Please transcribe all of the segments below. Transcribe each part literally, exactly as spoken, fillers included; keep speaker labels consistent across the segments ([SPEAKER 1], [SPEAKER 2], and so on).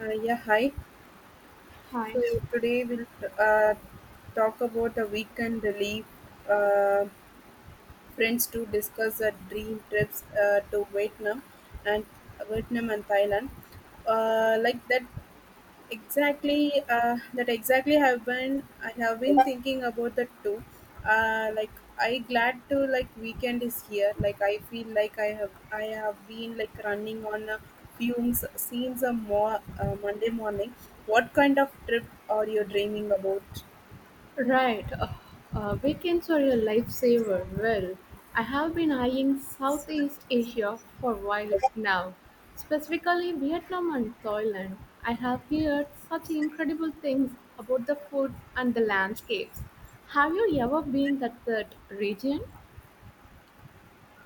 [SPEAKER 1] Uh, yeah, hi.
[SPEAKER 2] Hi.
[SPEAKER 1] So today we'll uh, talk about the weekend leave uh, friends to discuss the dream trips uh, to Vietnam and Vietnam and Thailand. Uh, like that, exactly, uh, that exactly have been I have been thinking about that too. Uh, like I glad to, like, weekend is here, like I feel like i have i have been, like, running on uh, fumes since a more uh, Monday morning. What kind of trip are you dreaming about?
[SPEAKER 2] Right. Uh, uh, weekends are a lifesaver. Well, I have been eyeing Southeast Asia for a while now, specifically Vietnam and Thailand. I have heard such incredible things about the food and the landscapes. Have you ever been to that region?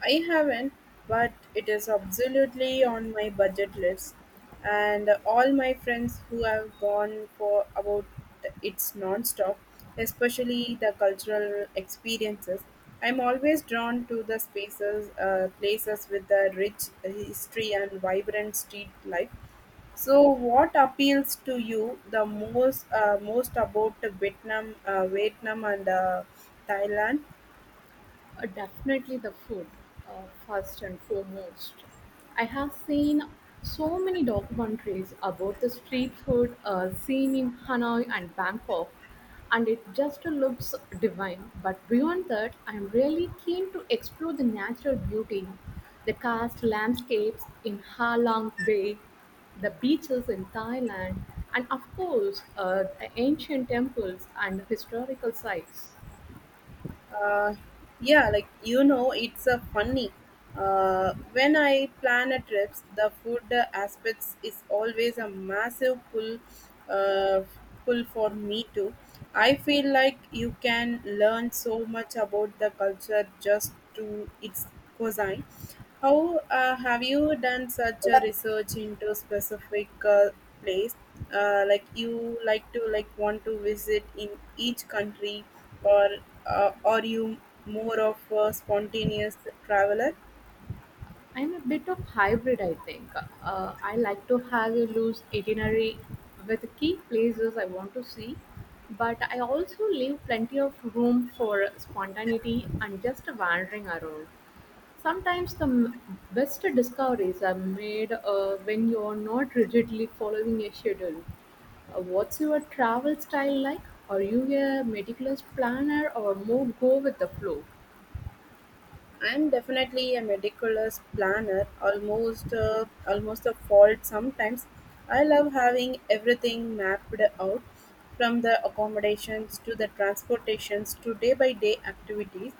[SPEAKER 1] I haven't, but it is absolutely on my budget list. And all my friends who have gone for about, it's non-stop, especially the cultural experiences. I'm always drawn to the spaces, uh, places with a rich history and vibrant street life. So, what appeals to you the most uh, most about Vietnam, uh, Vietnam and uh, Thailand?
[SPEAKER 2] Uh, definitely the food, uh, first and foremost. I have seen so many documentaries about the street food uh, scene in Hanoi and Bangkok, and it just looks divine. But beyond that, I'm really keen to explore the natural beauty, the karst landscapes in Ha Long Bay, the beaches in Thailand, and of course, uh, the ancient temples and historical sites.
[SPEAKER 1] uh, yeah, like you know it's a funny, uh, when I plan a trips the food aspects is always a massive pull uh, pull for me too. I feel like you can learn so much about the culture just to its cuisine. How uh, have you done such a research into specific uh, place? Uh, like you like to like want to visit in each country, or uh, are you more of a spontaneous traveler?
[SPEAKER 2] I'm a bit of hybrid, I think. Uh, I like to have a loose itinerary with key places I want to see, but I also leave plenty of room for spontaneity and just wandering around. Sometimes the m- best discoveries are made uh, when you're not rigidly following a schedule. Uh, what's your travel style like? Are you a meticulous planner or more go with the flow?
[SPEAKER 1] I'm definitely a meticulous planner, almost uh, almost a fault sometimes. I love having everything mapped out, from the accommodations to the transportations to day by day activities.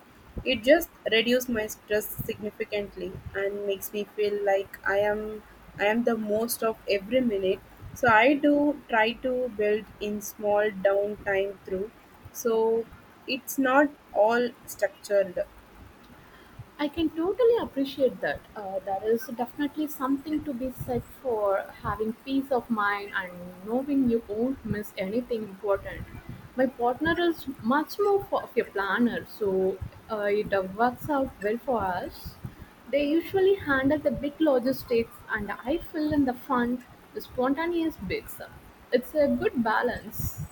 [SPEAKER 1] It just reduces my stress significantly and makes me feel like I am I am the most of every minute. So I do try to build in small downtime through. So it's not all structured.
[SPEAKER 2] I can totally appreciate that. Uh, there is definitely something to be said for having peace of mind and knowing you won't miss anything important. My partner is much more fo- of a planner, so uh, it uh, works out well for us. They usually handle the big logistics, and I fill in the fun, the spontaneous bits. It's a good balance.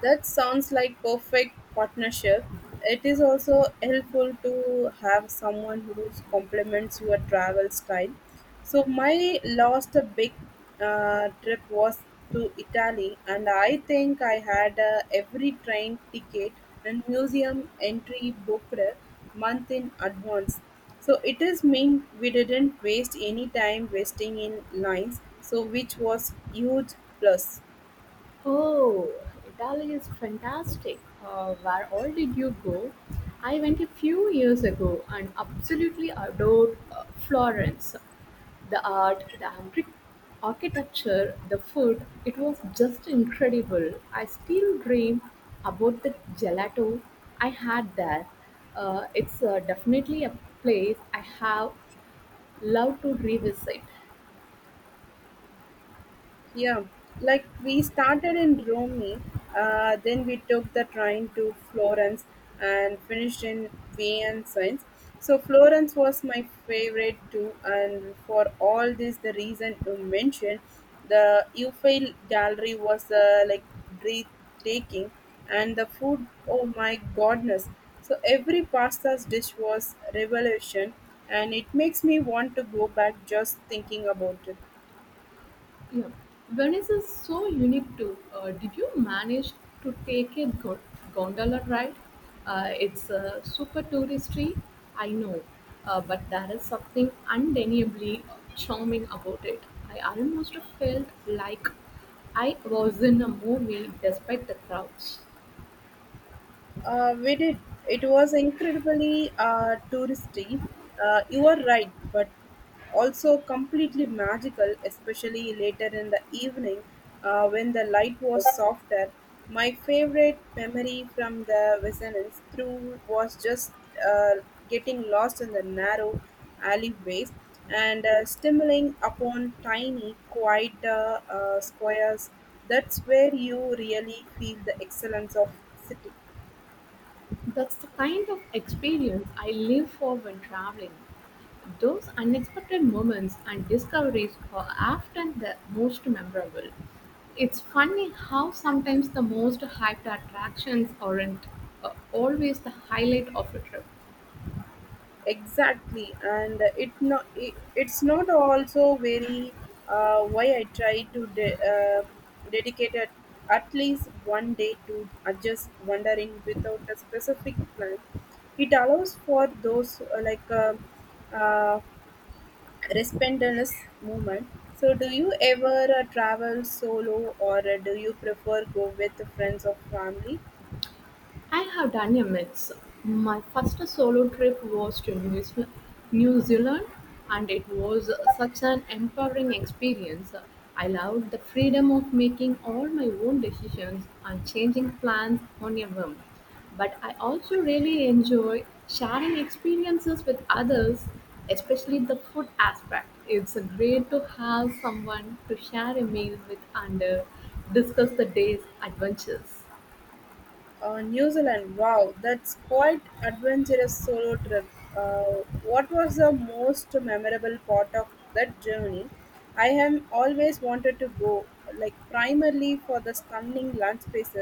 [SPEAKER 1] That sounds like perfect partnership. It is also helpful to have someone who complements your travel style. So my last big uh, trip was to Italy, and I think I had uh, every train ticket and museum entry booked a month in advance. So it is mean we didn't waste any time wasting in lines. So which was huge plus.
[SPEAKER 2] Oh, Italy is fantastic. Uh, where all did you go? I went a few years ago and absolutely adored uh, Florence. The art, the archi- architecture, the food, it was just incredible. I still dream about the gelato I had there. Uh, it's uh, definitely a place I have loved to revisit.
[SPEAKER 1] Yeah, like we started in Rome, uh, then we took the train to Florence and finished in Venice. So Florence was my favorite too, and for all this, the reason you mentioned, the Eiffel Gallery was uh, like breathtaking, and the food, oh my goodness! So every pasta's dish was revolution, and it makes me want to go back just thinking about it.
[SPEAKER 2] Yeah. Venice is so unique too. Uh, did you manage to take a go- gondola ride? Uh, it's uh, super touristy, I know, uh, but there is something undeniably charming about it. I almost felt like I was in a movie despite the crowds.
[SPEAKER 1] Uh, we did. It was incredibly uh, touristy. Uh, you are right, but also completely magical, especially later in the evening uh, when the light was softer. My favorite memory from the Vesanance through was just uh, getting lost in the narrow alleyways and uh, stumbling upon tiny, quiet uh, uh, squares. That's where you really feel the excellence of city.
[SPEAKER 2] That's the kind of experience I live for when traveling. Those unexpected moments and discoveries are often the most memorable. It's funny how sometimes the most hyped attractions aren't uh, always the highlight of a trip.
[SPEAKER 1] Exactly, and it not it, it's not also very, uh, why I try to de- uh, dedicate at, at least one day to uh, just wandering without a specific plan. It allows for those uh, like uh, uh, responderless movement. So, do you ever uh, travel solo, or uh, do you prefer go with friends or family?
[SPEAKER 2] I have done a mix. My first solo trip was to New, Zeal- New Zealand, and it was such an empowering experience. I loved the freedom of making all my own decisions and changing plans on a whim. But I also really enjoy sharing experiences with others, especially the food aspect. It's great to have someone to share a meal with and uh, discuss the day's adventures.
[SPEAKER 1] Uh, New Zealand, wow, that's quite adventurous solo trip. Uh, what was the most memorable part of that journey? I have always wanted to go, like primarily for the stunning landscapes.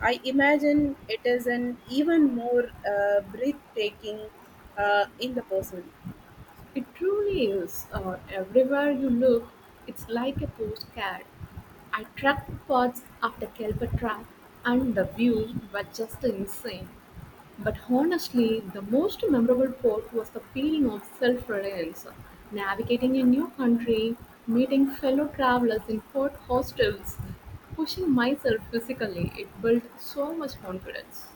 [SPEAKER 1] I imagine it is an even more uh, breathtaking uh, in the person.
[SPEAKER 2] It truly is. Uh, everywhere you look, it's like a postcard. I tracked the parts of the Kelpa track, and the views were just insane. But honestly, the most memorable part was the feeling of self reliance, navigating a new country, meeting fellow travelers in hot hostels, pushing myself physically. It built so much confidence.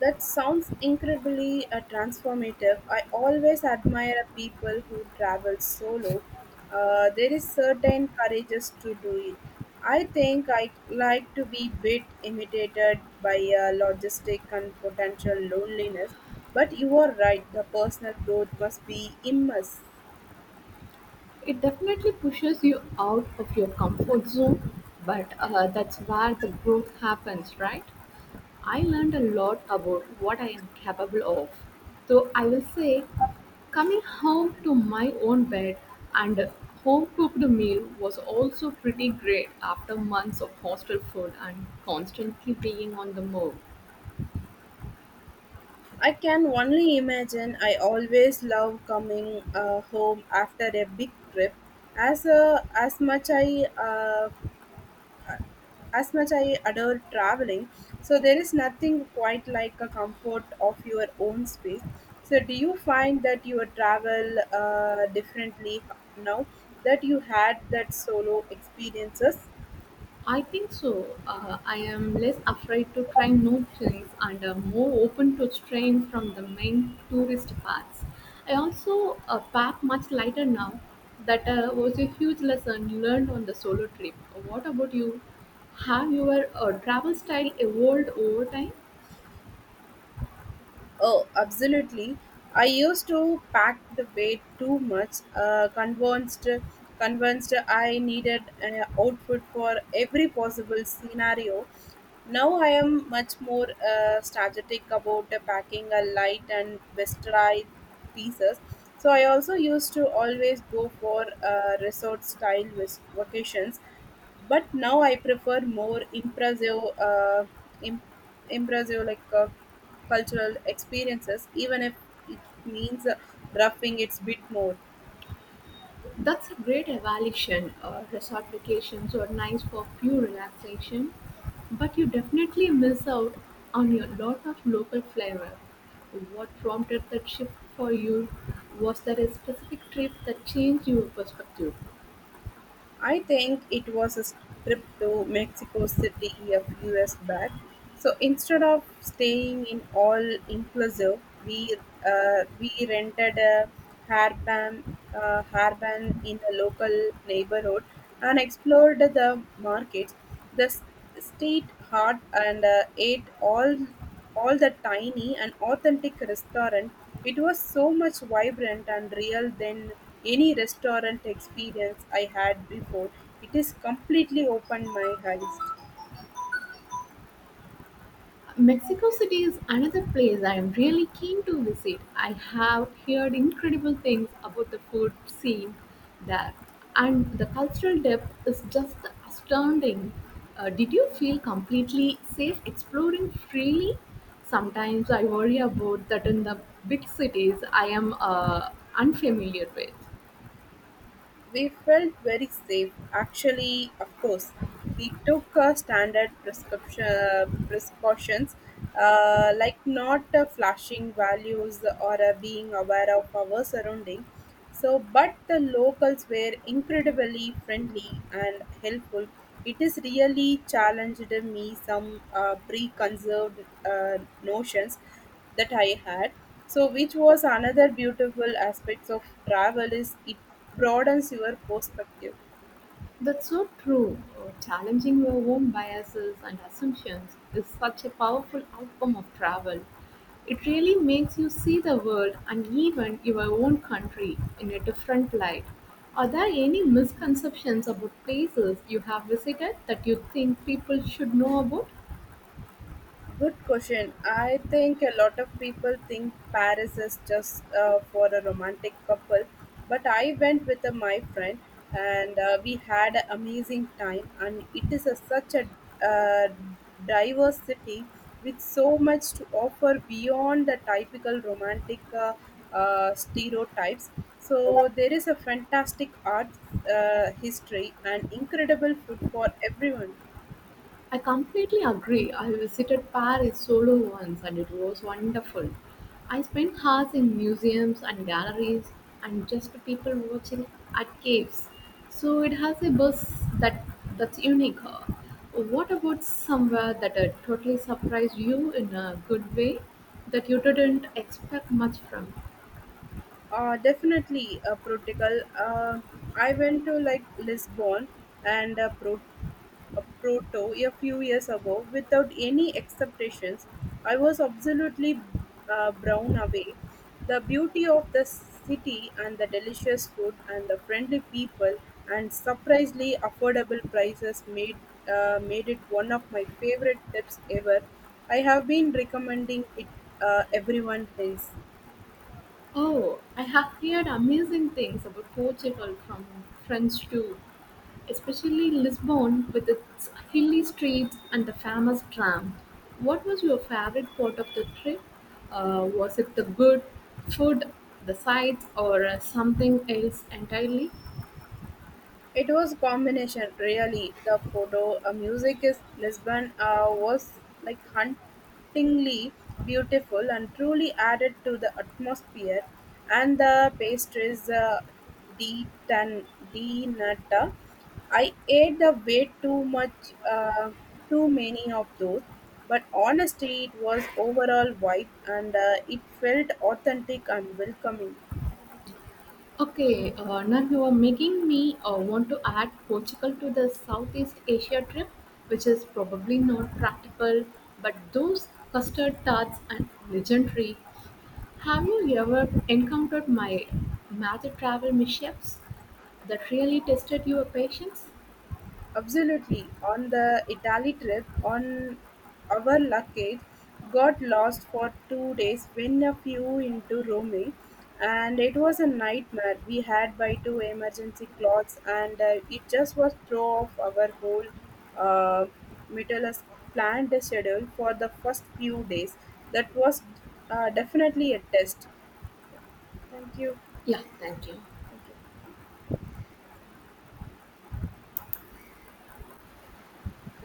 [SPEAKER 1] That sounds incredibly uh, transformative. I always admire people who travel solo. Uh, there is certain courage to do it. I think I like to be bit imitated by uh, logistic and potential loneliness. But you are right. The personal growth must be immense.
[SPEAKER 2] It definitely pushes you out of your comfort zone, but uh, that's where the growth happens, right? I learned a lot about what I am capable of. So I will say, coming home to my own bed and a home cooked meal was also pretty great after months of hostel food and constantly being on the move.
[SPEAKER 1] I can only imagine. I always love coming uh, home after a big trip, as uh, as much I uh, as much I adore traveling, so there is nothing quite like a comfort of your own space. So, do you find that you travel uh, differently now that you had that solo experiences?
[SPEAKER 2] I think so. Uh, I am less afraid to try new things and uh, more open to straying from the main tourist paths. I also uh, pack much lighter now. That uh, was a huge lesson learned on the solo trip. What about you? Have your uh, travel style evolved over time?
[SPEAKER 1] Oh, absolutely. I used to pack the weight too much, uh, convinced, convinced, I needed an outfit for every possible scenario. Now I am much more uh, strategic about the packing a light and westernized pieces. So I also used to always go for uh, resort style vacations but now I prefer more impressive, uh, im- impressive like uh, cultural experiences, even if it means uh, roughing it's bit more.
[SPEAKER 2] That's a great evaluation. Uh, resort vacations are nice for pure relaxation, but you definitely miss out on a lot of local flavor. What prompted that shift for you? Was there a specific trip that changed your perspective?
[SPEAKER 1] I think it was a trip to Mexico City a few years back. So instead of staying in all inclusive, we uh, we rented a harban uh, harban in a local neighborhood and explored the markets, the s- street art, and uh, ate all all the tiny and authentic restaurant. It was so much vibrant and real than any restaurant experience I had before. It is completely opened my eyes.
[SPEAKER 2] Mexico City is another place I am really keen to visit. I have heard incredible things about the food scene there, and the cultural depth is just astounding. Uh, did you feel completely safe exploring freely? Sometimes I worry about that in the big cities I am uh, unfamiliar with.
[SPEAKER 1] We felt very safe. Actually, of course, we took uh, standard prescription precautions, uh, like not uh, flashing values or uh, being aware of our surrounding. So, but the locals were incredibly friendly and helpful. It is really challenged me some uh, preconceived uh, notions that I had. So, which was another beautiful aspect of travel is it broadens your perspective.
[SPEAKER 2] That's so true. Uh, Challenging your own biases and assumptions is such a powerful outcome of travel. It really makes you see the world and even your own country in a different light. Are there any misconceptions about places you have visited that you think people should know about?
[SPEAKER 1] Good question. I think a lot of people think Paris is just uh, for a romantic couple, but I went with uh, my friend and uh, we had an amazing time. And it is a, such a uh, diverse city with so much to offer beyond the typical romantic uh, uh, stereotypes. So there is a fantastic art, uh, history, and incredible food for everyone.
[SPEAKER 2] I completely agree. I visited Paris solo once and it was wonderful. I spent hours in museums and galleries and just people watching at caves. So it has a buzz that that's unique. Uh, What about somewhere that uh, totally surprised you in a good way that you didn't expect much from?
[SPEAKER 1] Uh, definitely uh, Portugal. Uh, I went to like Lisbon and uh, Pro- uh, Porto a few years ago without any expectations. I was absolutely uh, blown away. The beauty of the city and the delicious food and the friendly people and surprisingly affordable prices made uh, made it one of my favorite trips ever. I have been recommending it uh, everyone else.
[SPEAKER 2] Oh, I have heard amazing things about Portugal from friends too, especially Lisbon with its hilly streets and the famous tram. What was your favorite part of the trip? Uh, was it the good food, the sights, or uh, something else entirely?
[SPEAKER 1] It was combination, really: the photo, a music is Lisbon uh, was like hauntingly beautiful and truly added to the atmosphere, and the pastries uh, di tan di nata. I ate the way too much, uh, too many of those, but honestly, it was overall vibe and uh, it felt authentic and welcoming.
[SPEAKER 2] Okay, uh, now you are making me uh, want to add Portugal to the Southeast Asia trip, which is probably not practical, but those custard tarts are legendary. Have you ever encountered my magic travel mishaps that really tested your patience?
[SPEAKER 1] Absolutely. On the Italy trip, on our luggage got lost for two days when a few into Rome, and it was a nightmare. We had by two emergency clothes, and uh, it just was throw off our whole uh, meticulous planned schedule for the first few days. That was uh, definitely a test. Thank you.
[SPEAKER 2] Yeah, thank you.
[SPEAKER 1] Thank you.